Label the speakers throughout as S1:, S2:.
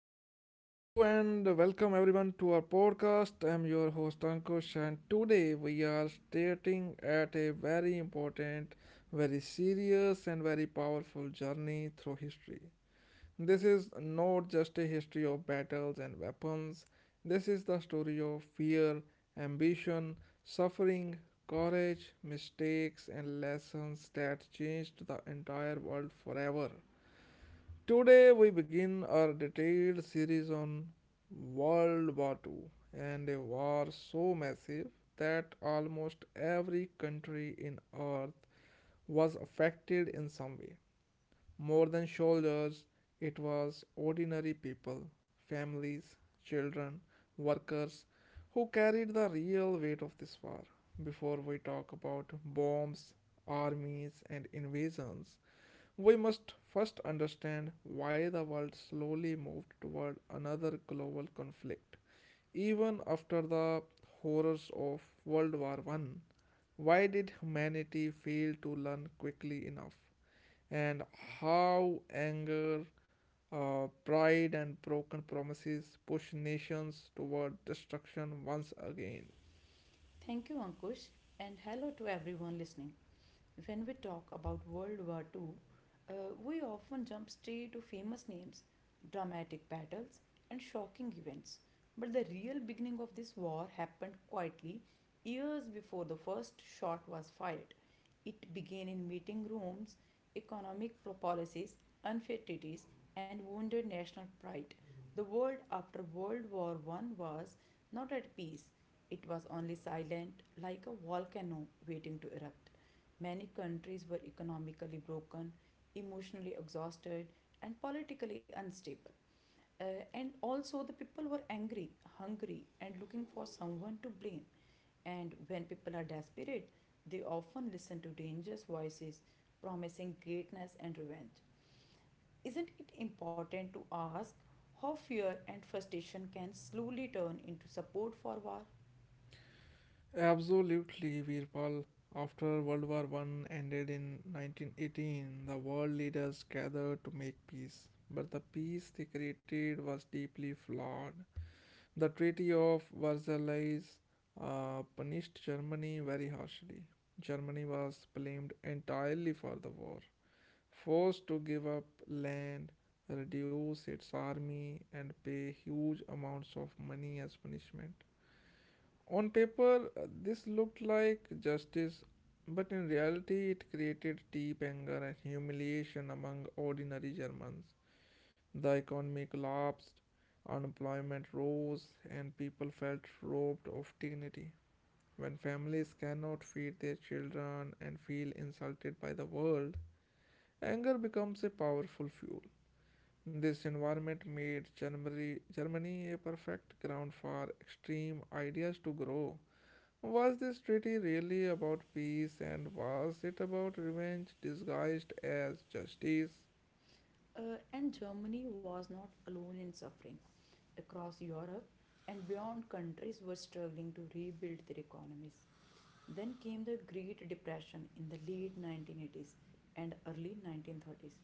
S1: Hello and welcome everyone to our podcast. I'm your host Ankush, and today we are starting at a very important, very serious, and very powerful journey through history. This is not just a history of battles and weapons, this is the story of fear, ambition, suffering, courage, mistakes, and lessons that changed the entire world forever. Today we begin our detailed series on World War II and a war so massive that almost every country in earth was affected in some way. More than soldiers, it was ordinary people, families, children, workers who carried the real weight of this war. Before we talk about bombs, armies, and invasions, we must first understand why the world slowly moved toward another global conflict. Even after the horrors of World War One, why did humanity fail to learn quickly enough? And how anger, pride, and broken promises push nations toward destruction once again?
S2: Thank you, Ankush, and hello to everyone listening. When we talk about World War Two, uh, we often jump straight to famous names, dramatic battles, and shocking events. But the real beginning of this war happened quietly years before the first shot was fired. It began in meeting rooms, economic policies, unfair treaties, and wounded national pride. The world after World War One was not at peace. It was only silent, like a volcano waiting to erupt. Many countries were economically broken, emotionally exhausted, and politically unstable. And also, the people were angry, hungry, and looking for someone to blame. And when people are desperate, they often listen to dangerous voices promising greatness and revenge. Isn't it important to ask how fear and frustration can slowly turn into support for war?
S1: Absolutely, Virpal. After World War One ended in 1918, the world leaders gathered to make peace. But the peace they created was deeply flawed. The Treaty of Versailles punished Germany very harshly. Germany was blamed entirely for the war, forced to give up land, reduce its army, and pay huge amounts of money as punishment. On paper, this looked like justice, but in reality, it created deep anger and humiliation among ordinary Germans. The economy collapsed, unemployment rose, and people felt robbed of dignity. When families cannot feed their children and feel insulted by the world, anger becomes a powerful fuel. This environment made Germany a perfect ground for extreme ideas to grow. Was this treaty really about peace and was it about revenge disguised as justice?
S2: And Germany was not alone in suffering. Across Europe and beyond, countries were struggling to rebuild their economies. Then came the Great Depression in the late 1980s and early 1930s,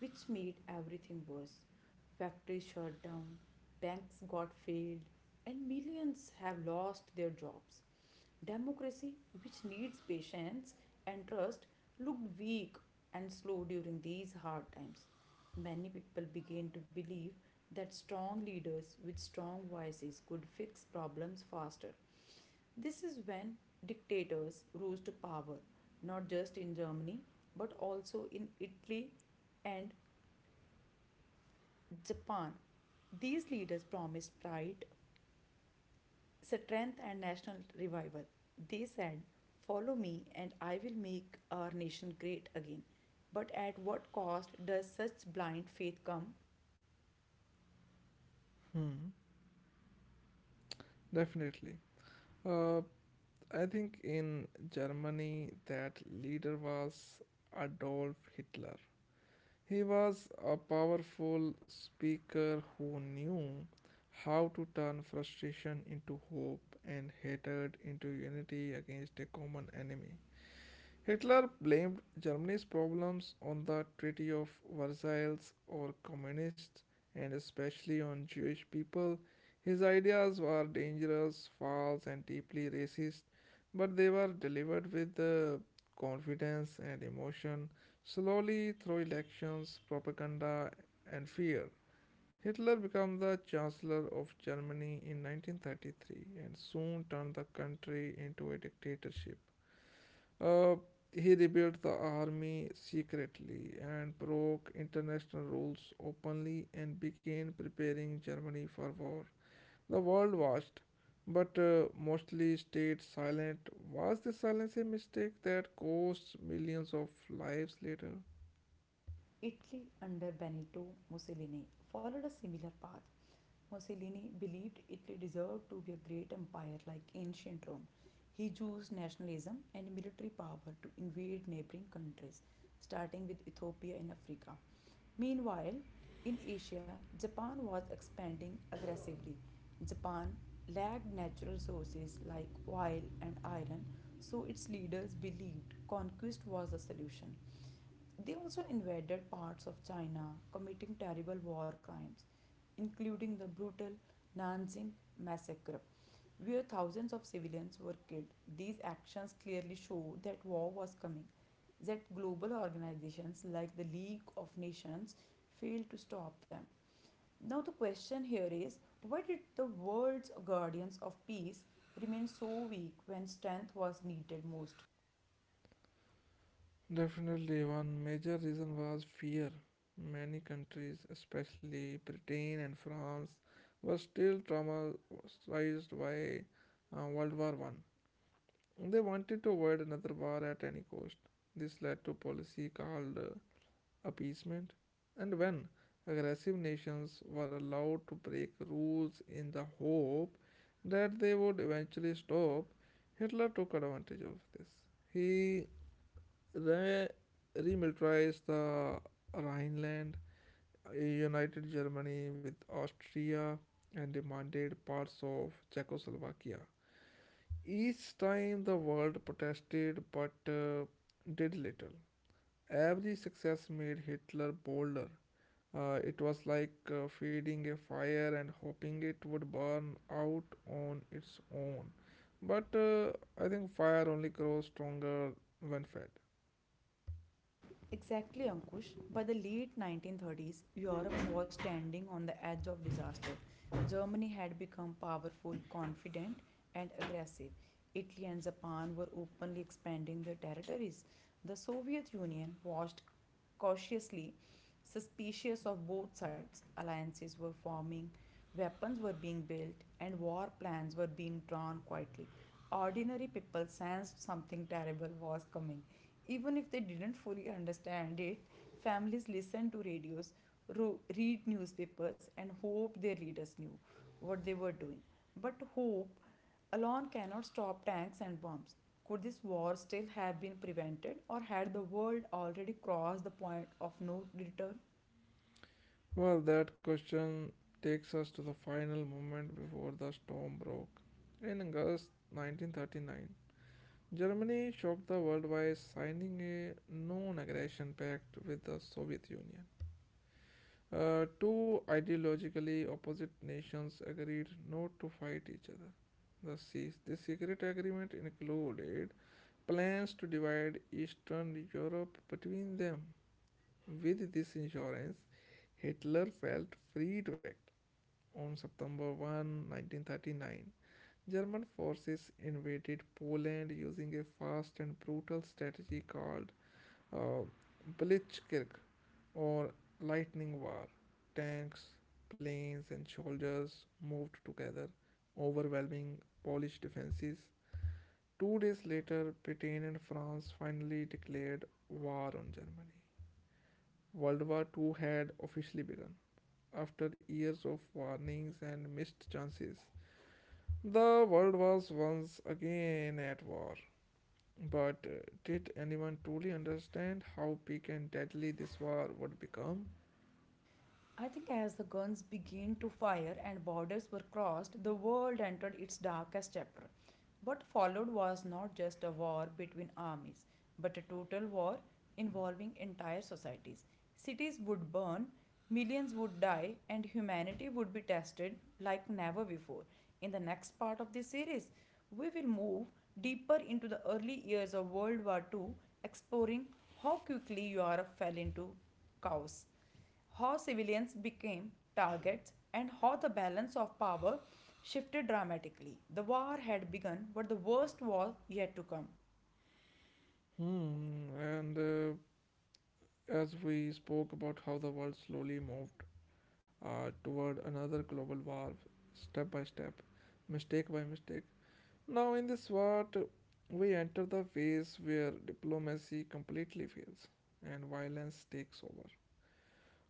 S2: which made everything worse. Factories shut down, banks got failed, and millions have lost their jobs. Democracy, which needs patience and trust, looked weak and slow during these hard times. Many people began to believe that strong leaders with strong voices could fix problems faster. This is when dictators rose to power, not just in Germany, but also in Italy and Japan. These leaders promised pride, strength, and national revival. They said, follow me, and I will make our nation great again. But at what cost does such blind faith come?
S1: Hmm. Definitely. Uh, I think in Germany, that leader was Adolf Hitler. He was a powerful speaker who knew how to turn frustration into hope and hatred into unity against a common enemy. Hitler blamed Germany's problems on the Treaty of Versailles or communists and especially on Jewish people. His ideas were dangerous, false, and deeply racist, but they were delivered with confidence and emotion, slowly through elections, propaganda, and fear. Hitler became the Chancellor of Germany in 1933 and soon turned the country into a dictatorship. Uh, he rebuilt the army secretly and broke international rules openly and began preparing Germany for war. The world watched, but mostly stayed silent. Was this silence a mistake that cost millions of lives later?
S2: Italy under Benito Mussolini followed a similar path. Mussolini believed Italy deserved to be a great empire like ancient Rome. He used nationalism and military power to invade neighboring countries, starting with Ethiopia in Africa. Meanwhile, in Asia, Japan was expanding aggressively. Japan lacked natural resources like oil and iron, so its leaders believed conquest was the solution. They also invaded parts of China, committing terrible war crimes, including the brutal Nanjing massacre, where thousands of civilians were killed. These actions clearly show that war was coming, that global organizations like the League of Nations failed to stop them. Now, the question here is, why did the world's guardians of peace remain so weak when strength was needed most?
S1: Definitely, one major reason was fear. Many countries, especially Britain and France, were still traumatized by World War One. They wanted to avoid another war at any cost. This led to a policy called appeasement, and when aggressive nations were allowed to break rules in the hope that they would eventually stop, Hitler took advantage of this. He re- remilitarized the Rhineland, united Germany with Austria, and demanded parts of Czechoslovakia. Each time the world protested but did little. Every success made Hitler bolder. It was like feeding a fire and hoping it would burn out on its own. But I think fire only grows stronger when fed.
S2: Exactly, Ankush. By the late 1930s, Europe was standing on the edge of disaster. Germany had become powerful, confident, and aggressive. Italy and Japan were openly expanding their territories. The Soviet Union watched cautiously, suspicious of both sides. Alliances were forming, weapons were being built, and war plans were being drawn quietly. Ordinary people sensed something terrible was coming. Even if they didn't fully understand it, families listened to radios, read newspapers, and hoped their leaders knew what they were doing. But hope alone cannot stop tanks and bombs. Could this war still have been prevented, or had the world already crossed the point of no return?
S1: Well, that question takes us to the final moment before the storm broke. In August 1939, Germany shocked the world by signing a non aggression pact with the Soviet Union. Two ideologically opposite nations agreed not to fight each other. The secret agreement included plans to divide Eastern Europe between them. With this insurance, Hitler felt free to act. On September 1, 1939, German forces invaded Poland using a fast and brutal strategy called uh, Blitzkrieg or lightning war. Tanks, planes, and soldiers moved together, overwhelming Polish defenses. 2 days later, Britain and France finally declared war on Germany. World War Two had officially begun. After years of warnings and missed chances, the world was once again at war. But did anyone truly understand how big and deadly this war would become?
S2: I think as the guns began to fire and borders were crossed, the world entered its darkest chapter. What followed was not just a war between armies, but a total war involving entire societies. Cities would burn, millions would die, and humanity would be tested like never before. In the next part of this series, we will move deeper into the early years of World War II, exploring how quickly Europe fell into chaos, how civilians became targets, and how the balance of power shifted dramatically. The war had begun, but the worst was yet to come.
S1: Hmm, and As we spoke about how the world slowly moved toward another global war, step by step, mistake by mistake. Now, in this war, we enter the phase where diplomacy completely fails and violence takes over.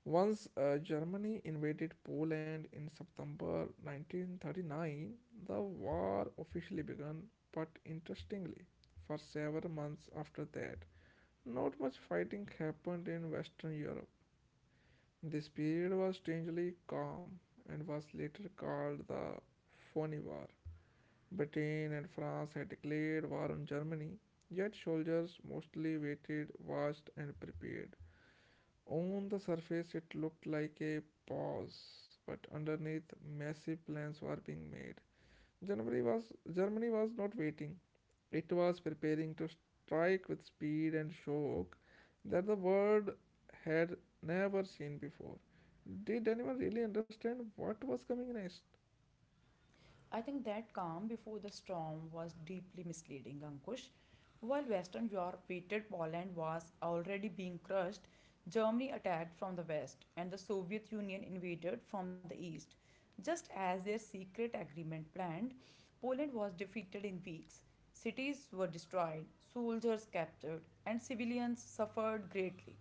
S1: Once Germany invaded Poland in September 1939, the war officially began, but interestingly, for several months after that, not much fighting happened in Western Europe. This period was strangely calm and was later called the Phoney War. Britain and France had declared war on Germany, yet soldiers mostly waited, watched, and prepared. On the surface, it looked like a pause, but underneath, massive plans were being made. Germany was not waiting. It was preparing to strike with speed and shock that the world had never seen before. Did anyone really understand what was coming next?
S2: I think that calm before the storm was deeply misleading, Ankush. While Western Europe waited, Poland was already being crushed. Germany attacked from the west, and the Soviet Union invaded from the east. Just as their secret agreement planned, Poland was defeated in weeks. Cities were destroyed, soldiers captured, and civilians suffered greatly.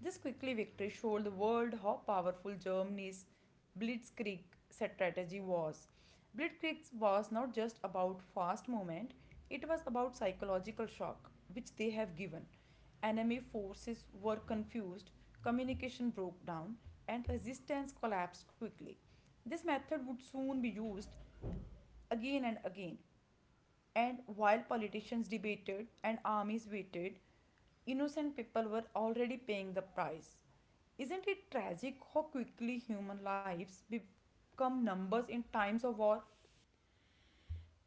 S2: This quickly victory showed the world how powerful Germany's blitzkrieg strategy was. Blitzkrieg was not just about fast movement, it was about psychological shock which they have given. Enemy forces were confused, communication broke down, and resistance collapsed quickly. This method would soon be used again and again. And while politicians debated and armies waited, innocent people were already paying the price. Isn't it tragic how quickly human lives become numbers in times of war?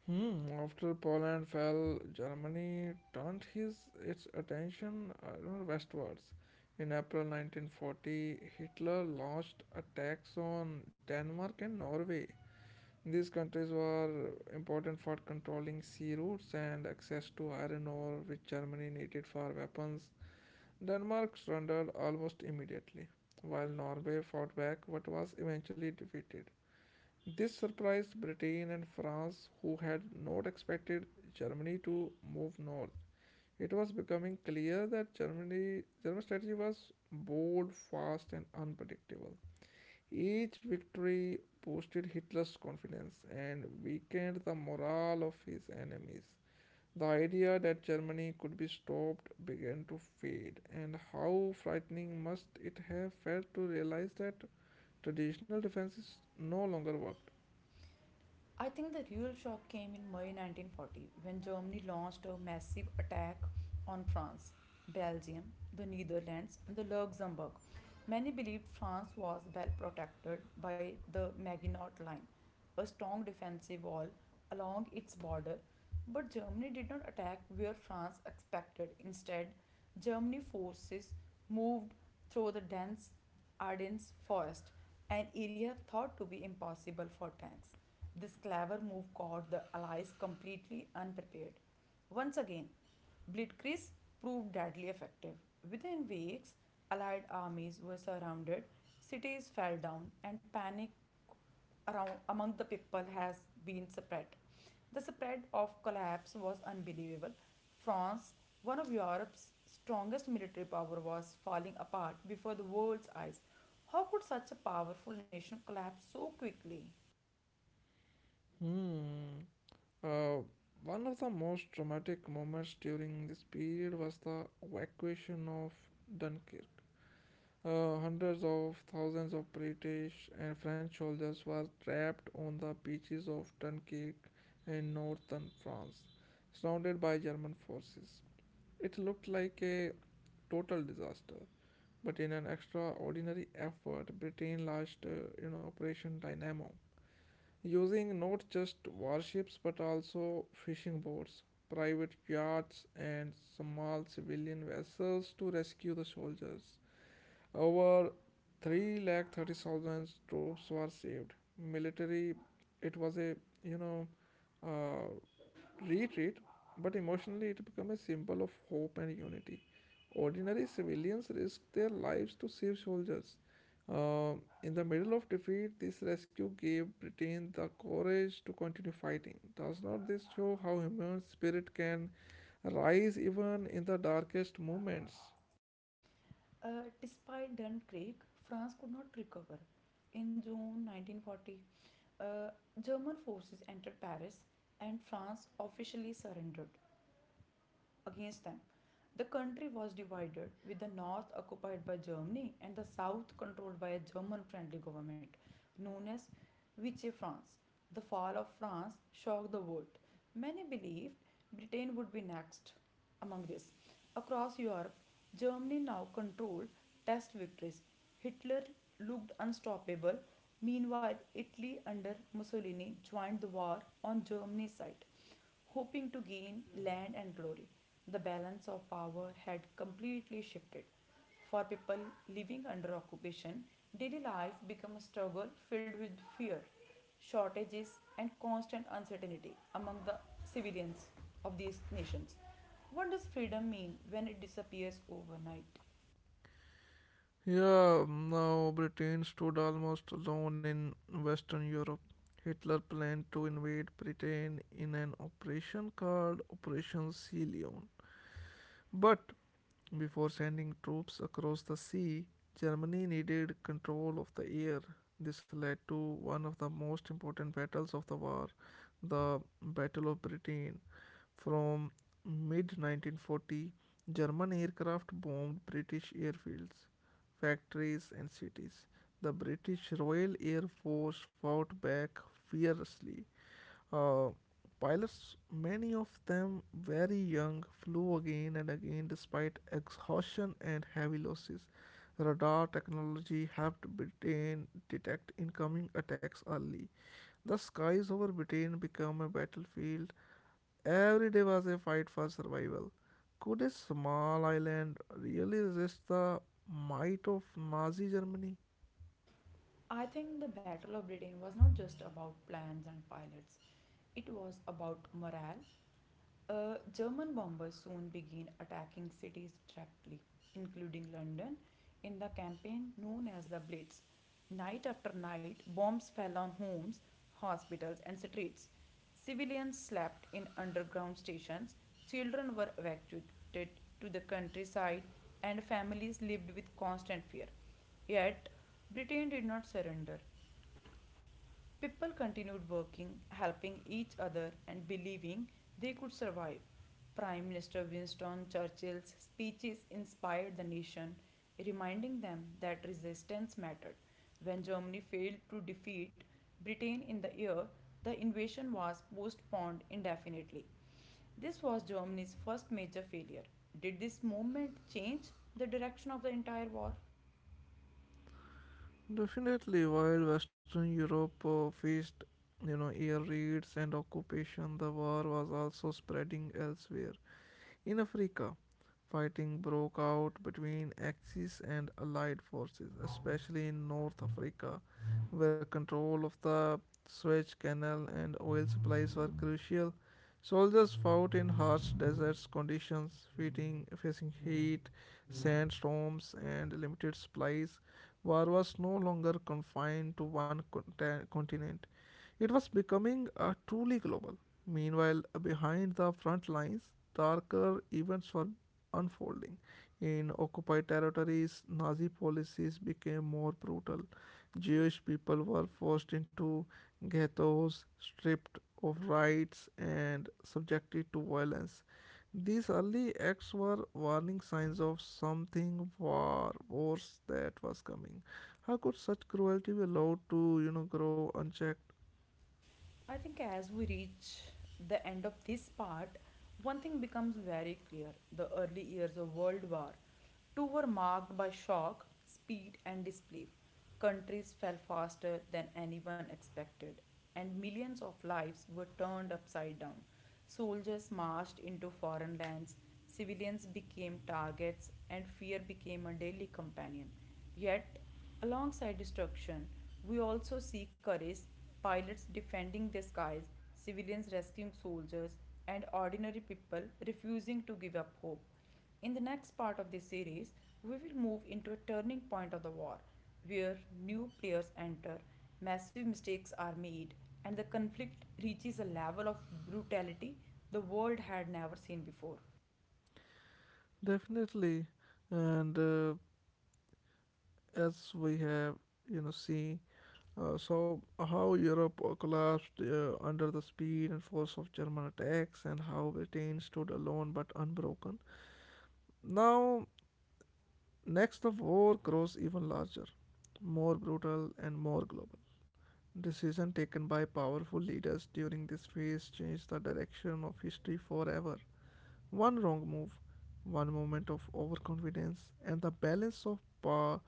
S1: Hmm, after Poland fell, Germany turned his its attention westwards. In April 1940, Hitler launched attacks on Denmark and Norway. These countries were important for controlling sea routes and access to iron ore, which Germany needed for weapons. Denmark surrendered almost immediately, while Norway fought back but was eventually defeated. This surprised Britain and France, who had not expected Germany to move north. It was becoming clear that German strategy was bold, fast, and unpredictable. Each victory boosted Hitler's confidence and weakened the morale of his enemies. The idea that Germany could be stopped began to fade, and how frightening must it have felt to realize that traditional defenses no longer worked.
S2: I think the real shock came in May 1940 when Germany launched a massive attack on France, Belgium, the Netherlands, and the Luxembourg. Many believed France was well protected by the Maginot Line, a strong defensive wall along its border, but Germany did not attack where France expected. Instead, Germany forces moved through the dense Ardennes Forest, an area thought to be impossible for tanks. This clever move caught the Allies completely unprepared. Once again, Blitzkrieg proved deadly effective. Within weeks, Allied armies were surrounded, cities fell down, and panic around among the people has been spread. The spread of collapse was unbelievable. France, one of Europe's strongest military power, was falling apart before the world's eyes. How could such a powerful nation collapse so quickly?
S1: Hmm. Uh, One of the most dramatic moments during this period was the evacuation of Dunkirk. Hundreds of thousands of British and French soldiers were trapped on the beaches of Dunkirk in northern France, surrounded by German forces. It looked like a total disaster, but in an extraordinary effort, Britain launched Operation Dynamo, using not just warships but also fishing boats, private yachts, and small civilian vessels to rescue the soldiers. Over 330,000 troops were saved. Military, it was a you know uh, retreat, but emotionally it became a symbol of hope and unity. Ordinary civilians risked their lives to save soldiers. Uh, in the middle of defeat, this rescue gave Britain the courage to continue fighting. Does not this show how human spirit can rise even in the darkest moments?
S2: Despite Dunkirk, France could not recover. In June 1940, uh, German forces entered Paris and France officially surrendered against them. The country was divided, with the north occupied by Germany and the south controlled by a German friendly government known as Vichy France. The fall of France shocked the world. Many believed Britain would be next among this. Across Europe, Germany now controlled test victories. Hitler looked unstoppable. Meanwhile, Italy under Mussolini joined the war on Germany's side, hoping to gain land and glory. The balance of power had completely shifted. For people living under occupation, daily life became a struggle filled with fear, shortages, and constant uncertainty among the civilians of these nations. What does freedom mean when it disappears overnight?
S1: Yeah, now Britain stood almost alone in Western Europe. Hitler planned to invade Britain in an operation called Operation Sea Leon. But before sending troops across the sea, Germany needed control of the air. This led to one of the most important battles of the war, the Battle of Britain. From mid 1940, German aircraft bombed British airfields, factories, and cities. The British Royal Air Force fought back fiercely, uh, pilots, many of them very young, flew again and again despite exhaustion and heavy losses. Radar technology helped Britain detect incoming attacks early. The skies over Britain became a battlefield. Every day was a fight for survival. Could a small island really resist the might of Nazi Germany?
S2: I think the Battle of Britain was not just about plans and pilots, it was about morale. German bombers soon began attacking cities directly, including London, in the campaign known as the Blitz. Night after night, bombs fell on homes, hospitals, and streets. Civilians slept in underground stations, children were evacuated to the countryside, and families lived with constant fear. Yet, Britain did not surrender. People continued working, helping each other, and believing they could survive. Prime Minister Winston Churchill's speeches inspired the nation, reminding them that resistance mattered. When Germany failed to defeat Britain in the year, the invasion was postponed indefinitely. This was Germany's first major failure. Did this movement change the direction of the entire war?
S1: Definitely, while Western Europe faced, air raids and occupation, the war was also spreading elsewhere. In Africa, fighting broke out between Axis and Allied forces, especially in North Africa, where control of the Suez Canal and oil supplies were crucial. Soldiers fought in harsh desert conditions, facing heat, sandstorms, and limited supplies. War was no longer confined to one continent. It was becoming truly global. Meanwhile, behind the front lines, darker events were unfolding. In occupied territories, Nazi policies became more brutal. Jewish people were forced into ghettos, stripped of rights, and subjected to violence. These early acts were warning signs of something far worse that was coming. How could such cruelty be allowed to, grow unchecked?
S2: I think as we reach the end of this part, one thing becomes very clear. The early years of World War II were marked by shock, speed, and disbelief. Countries fell faster than anyone expected, and millions of lives were turned upside down. Soldiers marched into foreign lands, civilians became targets, and fear became a daily companion. Yet, alongside destruction, we also see courage: pilots defending their skies, civilians rescuing soldiers, and ordinary people refusing to give up hope. In the next part of this series, we will move into a turning point of the war, where new players enter, massive mistakes are made, and the conflict reaches a level of brutality the world had never seen before.
S1: Definitely, and as we have seen, so how Europe collapsed under the speed and force of German attacks, and how Britain stood alone but unbroken. Now, next the war grows even larger, more brutal and more global. Decisions taken by powerful leaders during this phase changed the direction of history forever. One wrong move, one moment of overconfidence, and the balance of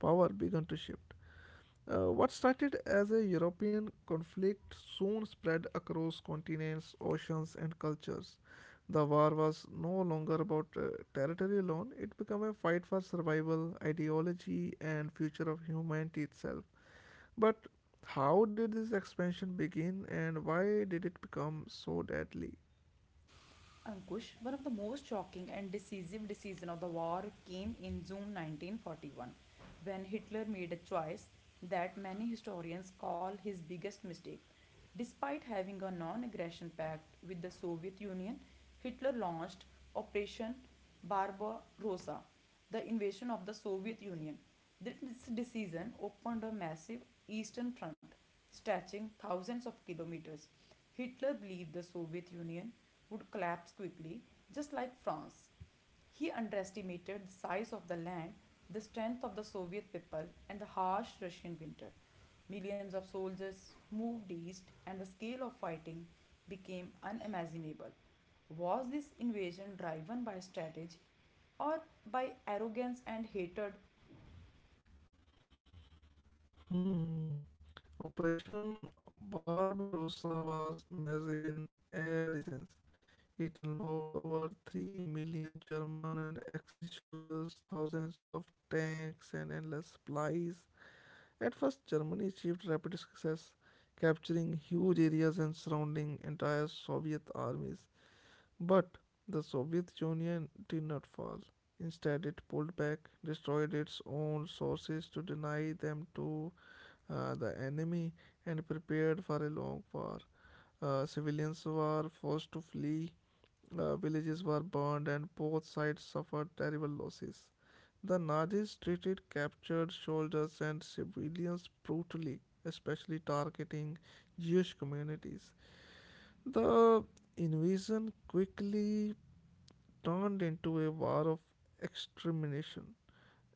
S1: power began to shift. What started as a European conflict soon spread across continents, oceans, and cultures. The war was no longer about territory alone, it became a fight for survival, ideology, and future of humanity itself. But how did this expansion begin and why did it become so deadly?
S2: Ankush, one of the most shocking and decisive decisions of the war came in June 1941, when Hitler made a choice that many historians call his biggest mistake. Despite having a non aggression pact with the Soviet Union, Hitler launched Operation Barbarossa, the invasion of the Soviet Union. This decision opened a massive eastern front stretching thousands of kilometers. Hitler believed the Soviet Union would collapse quickly, just like France. He underestimated the size of the land, the strength of the Soviet people, and the harsh Russian winter. Millions of soldiers moved east, and the scale of fighting became unimaginable. Was this invasion driven by strategy, or by arrogance and hatred?
S1: Hmm. Operation Barbarossa was massive in every sense. It involved over 3 million German and Axis soldiers, thousands of tanks, and endless supplies. At first, Germany achieved rapid success, capturing huge areas and surrounding entire Soviet armies. But the Soviet Union did not fall. Instead, it pulled back, destroyed its own sources to deny them to the enemy, and prepared for a long war. Civilians were forced to flee, villages were burned, and both sides suffered terrible losses. The Nazis treated captured soldiers and civilians brutally, especially targeting Jewish communities. The invasion quickly turned into a war of extermination.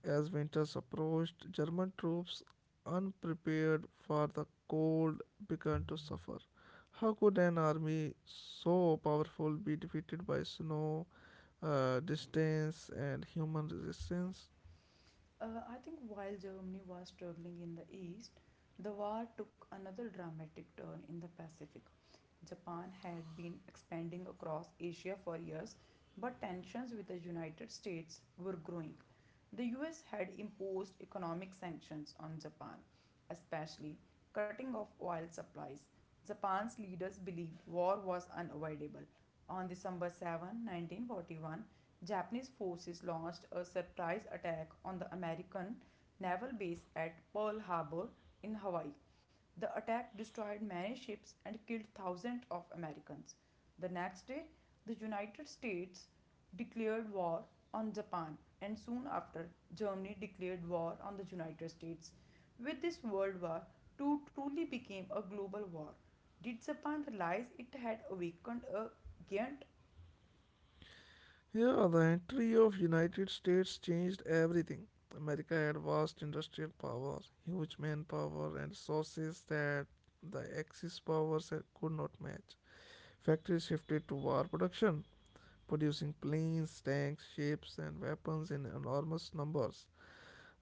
S1: As winters approached, German troops, unprepared for the cold, began to suffer. How could an army so powerful be defeated by snow, distance, and human resistance?
S2: I think while Germany was struggling in the east, the war took another dramatic turn in the Pacific. Japan had been expanding across Asia for years, but tensions with the United States were growing. The US had imposed economic sanctions on Japan, especially cutting off oil supplies. Japan's leaders believed war was unavoidable. On December 7, 1941, Japanese forces launched a surprise attack on the American naval base at Pearl Harbor in Hawaii. The attack destroyed many ships and killed thousands of Americans. The next day, the United States declared war on Japan, and soon after, Germany declared war on the United States. With this, World War II truly became a global war. Did Japan realize it had awakened a giant?
S1: Here, the entry of United States changed everything. America had vast industrial power, huge manpower, and resources that the Axis powers could not match. Factories shifted to war production, producing planes, tanks, ships, and weapons in enormous numbers.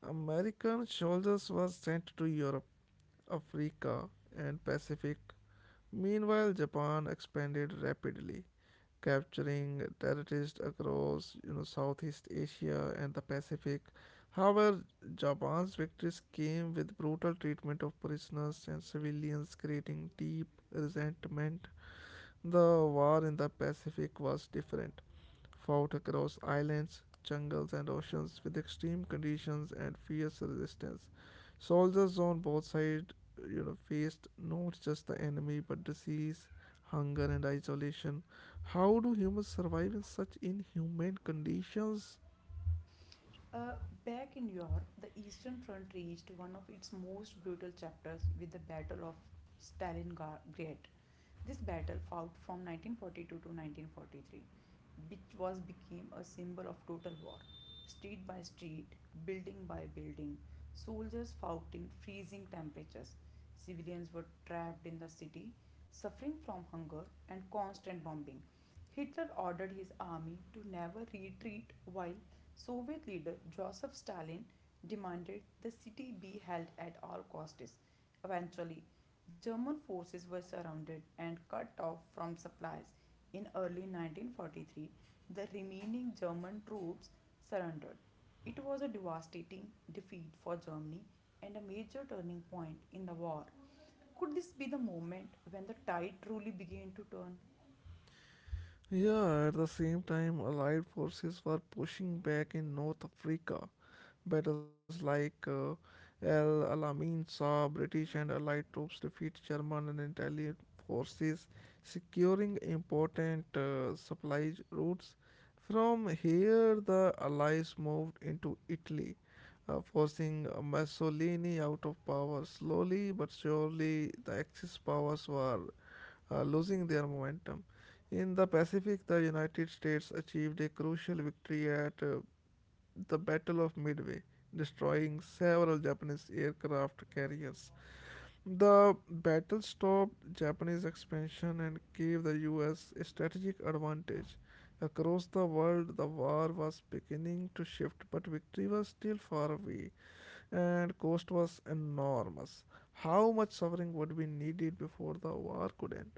S1: American soldiers were sent to Europe, Africa, and Pacific. Meanwhile, Japan expanded rapidly, capturing territories across Southeast Asia and the Pacific. However, Japan's victories came with brutal treatment of prisoners and civilians, creating deep resentment. The war in the Pacific was different, fought across islands, jungles, and oceans with extreme conditions and fierce resistance. Soldiers on both sides faced not just the enemy but disease, hunger, and isolation. How do humans survive in such inhumane conditions?
S2: Uh, back in Europe, the Eastern Front reached one of its most brutal chapters with the Battle of Stalingrad. This battle, fought from 1942 to 1943, which was became a symbol of total war. Street by street, building by building, soldiers fought in freezing temperatures. Civilians were trapped in the city, suffering from hunger and constant bombing. Hitler ordered his army to never retreat, while Soviet leader Joseph Stalin demanded the city be held at all costs. Eventually, German forces were surrounded and cut off from supplies. In early 1943, the remaining German troops surrendered. It was a devastating defeat for Germany and a major turning point in the war. Could this be the moment when the tide truly began to turn?
S1: Yeah, at the same time, Allied forces were pushing back in North Africa. Battles like El Alamein saw British and Allied troops defeat German and Italian forces, securing important supply routes. From here, the Allies moved into Italy, forcing Mussolini out of power. Slowly but surely, the Axis powers were losing their momentum. In the Pacific, the United States achieved a crucial victory at the Battle of Midway, destroying several Japanese aircraft carriers. The battle stopped Japanese expansion and gave the US strategic advantage. Across the world, the war was beginning to shift, but victory was still far away, and cost was enormous. How much suffering would be needed before the war could end?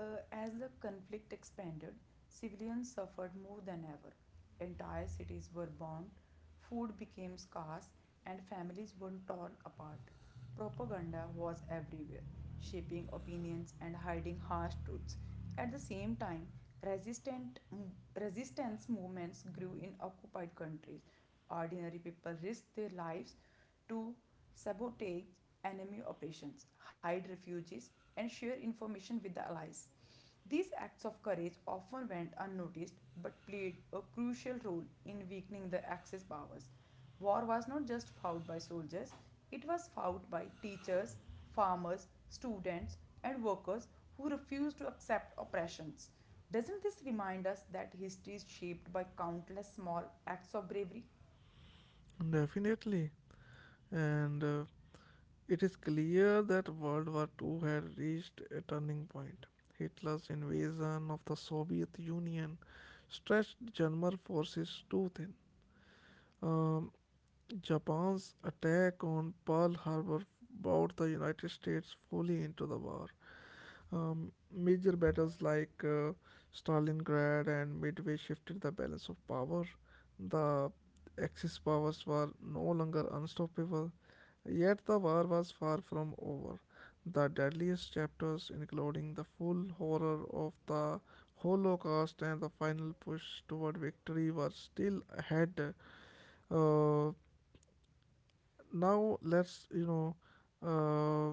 S2: As the conflict expanded, civilians suffered more than ever. Entire cities were bombed, food became scarce, and families were torn apart. Propaganda was everywhere, shaping opinions and hiding harsh truths. At the same time, resistant, mm, resistance movements grew in occupied countries. Ordinary people risked their lives to sabotage enemy operations, hide refugees, and share information with the allies. These acts of courage often went unnoticed but played a crucial role in weakening the Axis powers. War was not just fought by soldiers, it was fought by teachers, farmers, students, and workers who refused to accept oppressions. Doesn't this remind us that history is shaped by countless small acts of bravery?
S1: Definitely. And it is clear that World War II had reached a turning point. Hitler's invasion of the Soviet Union stretched German forces too thin. Um, Japan's attack on Pearl Harbor brought the United States fully into the war. Major battles like Stalingrad and Midway shifted the balance of power. The Axis powers were no longer unstoppable, yet the war was far from over. The deadliest chapters, including the full horror of the Holocaust and the final push toward victory, were still ahead. Uh, Now let's uh,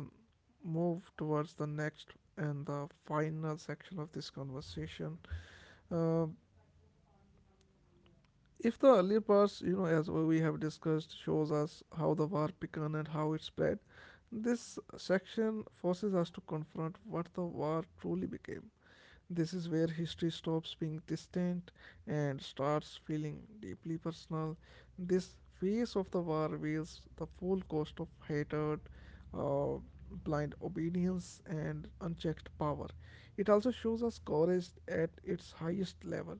S1: move towards the next and the final section of this conversation. uh, if the earlier parts, as we have discussed, shows us how the war began and how it spread, this section forces us to confront what the war truly became. This is where history stops being distant and starts feeling deeply personal. This phase of the war reveals the full cost of hatred, uh, blind obedience, and unchecked power. It also shows us courage at its highest level.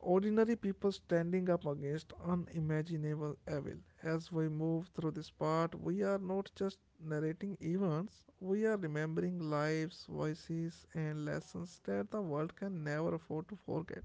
S1: Ordinary people standing up against unimaginable evil. As we move through this part, we are not just narrating events, we are remembering lives, voices, and lessons that the world can never afford to forget.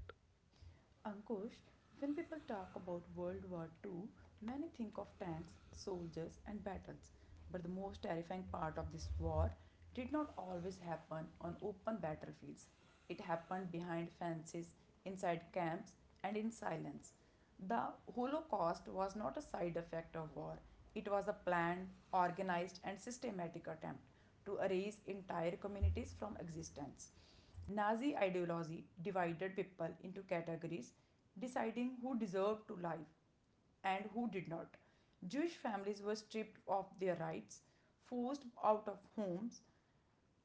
S2: Ankush, when people talk about World War Two, many think of tanks, soldiers, and battles. But the most terrifying part of this war did not always happen on open battlefields. It happened behind fences, inside camps, and in silence. The Holocaust was not a side effect of war, it was a planned, organized, and systematic attempt to erase entire communities from existence. Nazi ideology divided people into categories, deciding who deserved to live and who did not. Jewish families were stripped of their rights, forced out of homes,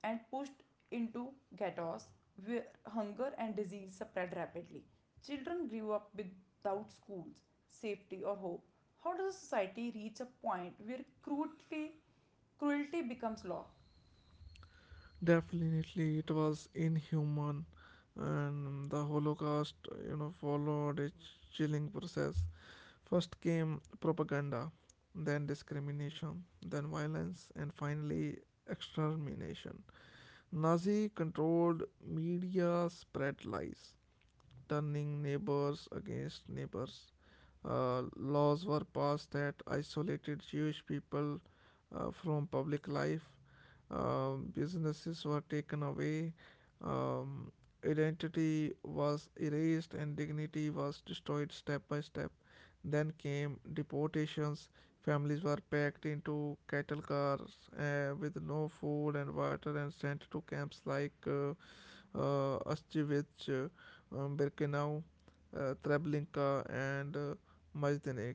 S2: and pushed into ghettos where hunger and disease spread rapidly. Children grew up without schools, safety, or hope. How does a society reach a point where cruelty becomes law?
S1: Definitely, it was inhuman, and the Holocaust, followed a chilling process. First came propaganda, then discrimination, then violence, and finally, extermination. Nazi controlled media spread lies, turning neighbors against neighbors. Laws were passed that isolated Jewish people from public life. Businesses were taken away. Um, Identity was erased and dignity was destroyed step by step. Then came deportations. Families were packed into cattle cars with no food and water and sent to camps like Astevich, Birkenau, Treblinka, and Majdanek.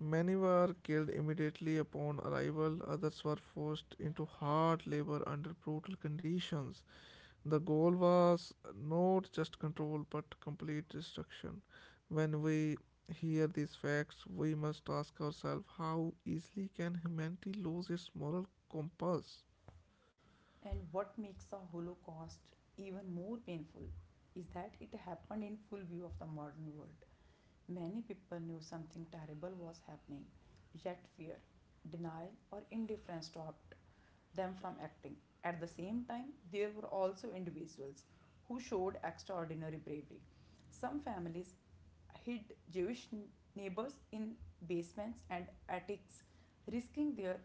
S1: Many were killed immediately upon arrival, others were forced into hard labor under brutal conditions. The goal was not just control but complete destruction. When we hear these facts, we must ask ourselves, how easily can humanity lose its moral compass?
S2: And what makes the Holocaust even more painful is that it happened in full view of the modern world. Many people knew something terrible was happening, yet fear, denial, or indifference stopped them from acting. At the same time, there were also individuals who showed extraordinary bravery. Some families hid Jewish neighbors in basements and attics, risking their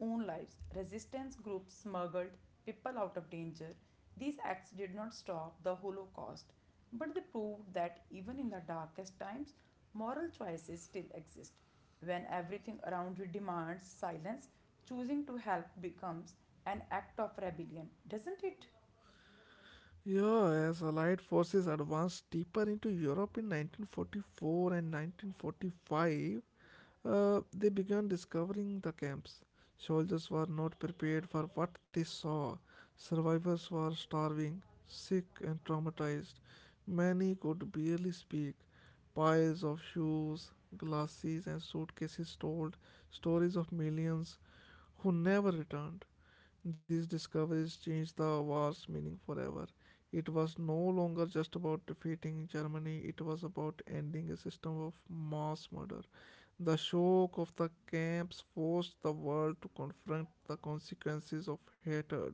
S2: own lives. Resistance groups smuggled people out of danger. These acts did not stop the Holocaust, but they proved that even in the darkest times, moral choices still exist. When everything around you demands silence, choosing to help becomes an act of rebellion, doesn't it?
S1: Yeah, as Allied forces advanced deeper into Europe in 1944 and 1945, they began discovering the camps. Soldiers were not prepared for what they saw. Survivors were starving, sick, and traumatized. Many could barely speak. Piles of shoes, glasses, and suitcases told stories of millions who never returned. These discoveries changed the war's meaning forever. It was no longer just about defeating Germany, it was about ending a system of mass murder. The shock of the camps forced the world to confront the consequences of hatred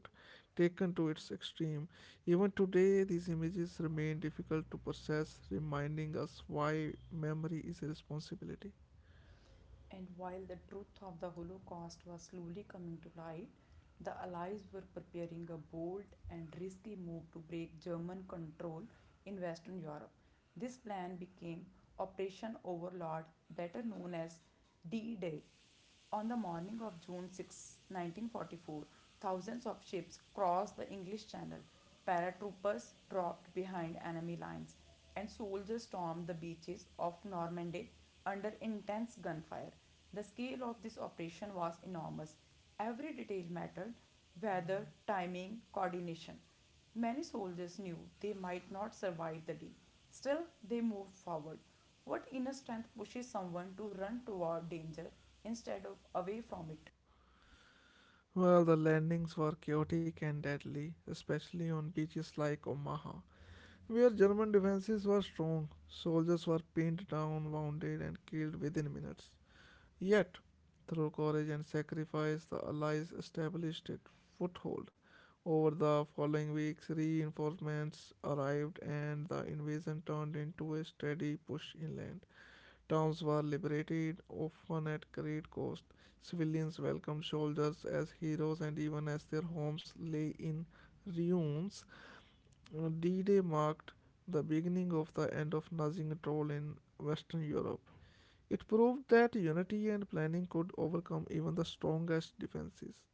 S1: taken to its extreme. Even today, these images remain difficult to process, reminding us why memory is a responsibility.
S2: And while the truth of the Holocaust was slowly coming to light, the Allies were preparing a bold and risky move to break German control in Western Europe. This plan became Operation Overlord, better known as D Day. On the morning of June 6, 1944, thousands of ships crossed the English Channel. Paratroopers dropped behind enemy lines, and soldiers stormed the beaches of Normandy under intense gunfire. The scale of this operation was enormous. Every detail mattered: weather, timing, coordination. Many soldiers knew they might not survive the day. Still, they moved forward. What inner strength pushes someone to run toward danger instead of away from it?
S1: Well, the landings were chaotic and deadly, especially on beaches like Omaha, where German defenses were strong. Soldiers were pinned down, wounded, and killed within minutes. Yet, through courage and sacrifice, the Allies established a foothold. Over the following weeks, reinforcements arrived and the invasion turned into a steady push inland. Towns were liberated, often at great cost. Civilians welcomed soldiers as heroes, and even as their homes lay in ruins, D-Day marked the beginning of the end of Nazi control in Western Europe. It proved that unity and planning could overcome even the strongest defenses.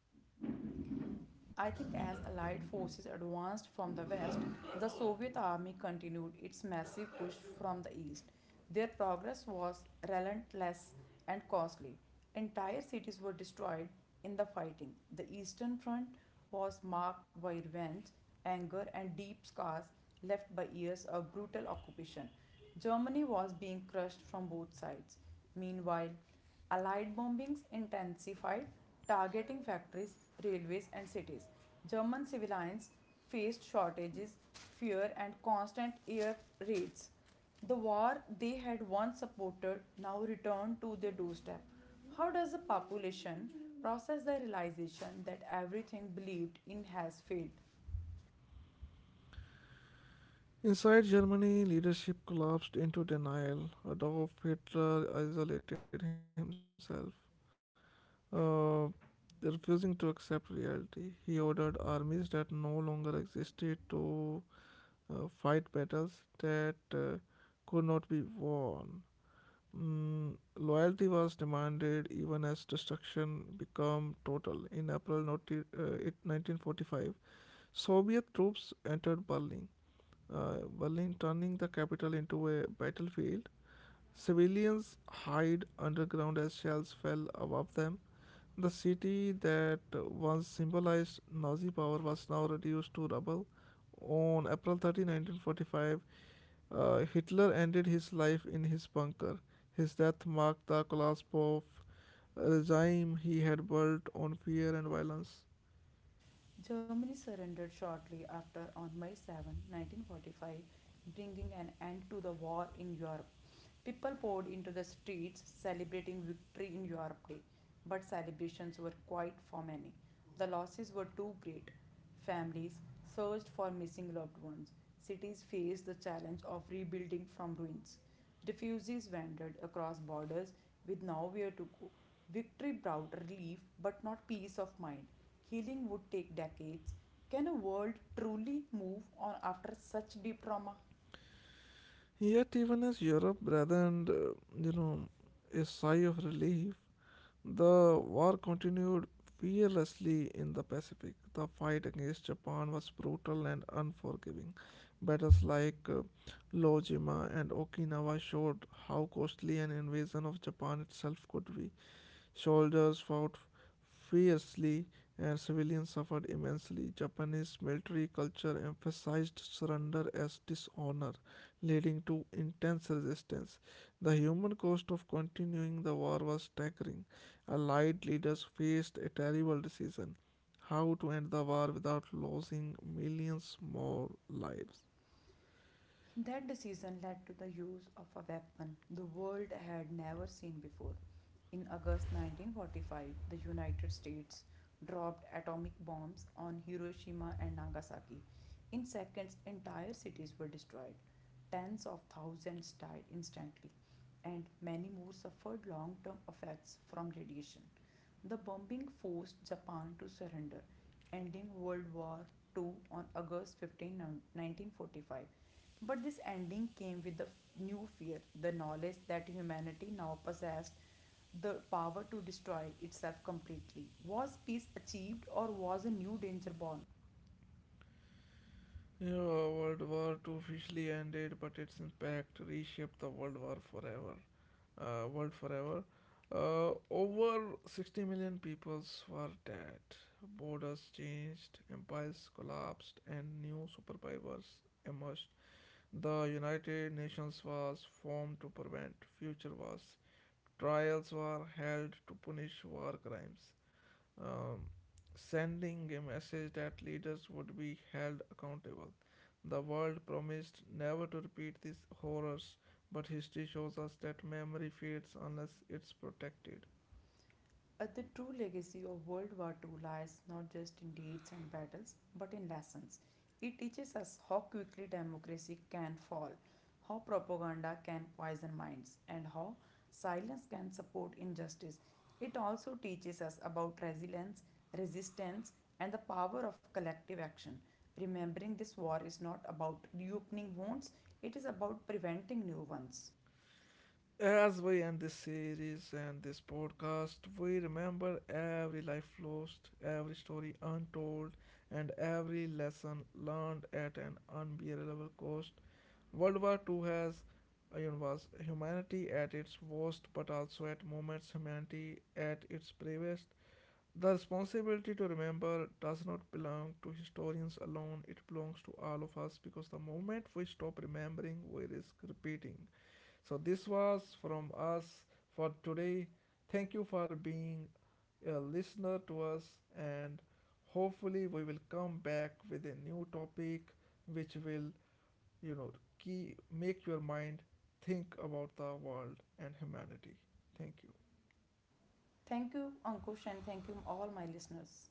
S2: I think as Allied forces advanced from the west, the Soviet army continued its massive push from the east. Their progress was relentless and costly. Entire cities were destroyed in the fighting. The Eastern Front was marked by revenge, anger, and deep scars left by years of brutal occupation. Germany was being crushed from both sides. Meanwhile, Allied bombings intensified, targeting factories, railways, and cities. German civilians faced shortages, fear, and constant air raids. The war they had once supported now returned to their doorstep. How does the population process the realization that everything believed in has failed?
S1: Inside Germany, leadership collapsed into denial. Adolf Hitler isolated himself, uh, refusing to accept reality. He ordered armies that no longer existed to fight battles that could not be won. Loyalty was demanded even as destruction became total. In April 90, 1945, Soviet troops entered Berlin. Uh, Turning the capital into a battlefield. Civilians hide underground as shells fell above them. The city that once symbolized Nazi power was now reduced to rubble. On April 30, 1945, Hitler ended his life in his bunker. His death marked the collapse of a regime he had built on fear and violence.
S2: Germany surrendered shortly after on May 7, 1945, bringing an end to the war in Europe. People poured into the streets celebrating victory in Europe Day, but celebrations were quiet for many. The losses were too great. Families searched for missing loved ones. Cities faced the challenge of rebuilding from ruins. Refugees wandered across borders with nowhere to go. Victory brought relief but not peace of mind. Healing would take decades. Can a world truly move on after such deep trauma?
S1: Yet, even as Europe rather you know a sigh of relief, the war continued fearlessly in the Pacific. The fight against Japan was brutal and unforgiving. Battles like Iwo Jima and Okinawa showed how costly an invasion of Japan itself could be. Soldiers fought fiercely and civilians suffered immensely. Japanese military culture emphasized surrender as dishonor, leading to intense resistance. The human cost of continuing the war was staggering. Allied leaders faced a terrible decision: how to end the war without losing millions more lives.
S2: That decision led to the use of a weapon the world had never seen before. In August 1945, the United States dropped atomic bombs on Hiroshima and Nagasaki. In seconds, entire cities were destroyed. Tens of thousands died instantly, and many more suffered long term effects from radiation. The bombing forced Japan to surrender, ending World War Two on August 15, 1945. But this ending came with the new fear, the knowledge that humanity now possessed the power to destroy itself completely. Was peace achieved, or was a new danger born?
S1: Yeah, World War II officially ended, but its impact reshaped the World War forever. World forever. Over 60 million peoples were dead. Borders changed, empires collapsed, and new superpowers emerged. The United Nations was formed to prevent future wars. Trials were held to punish war crimes, um, sending a message that leaders would be held accountable. The world promised never to repeat these horrors, but history shows us that memory fades unless it's protected.
S2: The true legacy of World War II lies not just in deeds and battles, but in lessons. It teaches us how quickly democracy can fall, how propaganda can poison minds, and how silence can support injustice. It also teaches us about resilience, resistance, and the power of collective action. Remembering this war is not about reopening wounds, it is about preventing new ones.
S1: As we end this series and this podcast, we remember every life lost, every story untold, and every lesson learned at an unbearable cost. World War II has was humanity at its worst, but also at moments humanity at its bravest. The responsibility to remember does not belong to historians alone, it belongs to all of us because the moment we stop remembering, we risk repeating. So, this was from us for today. Thank you for being a listener to us, and hopefully, we will come back with a new topic which will, you know, make your mind think about the world and humanity. Thank you.
S2: Thank you, Ankush, and thank you, all my listeners.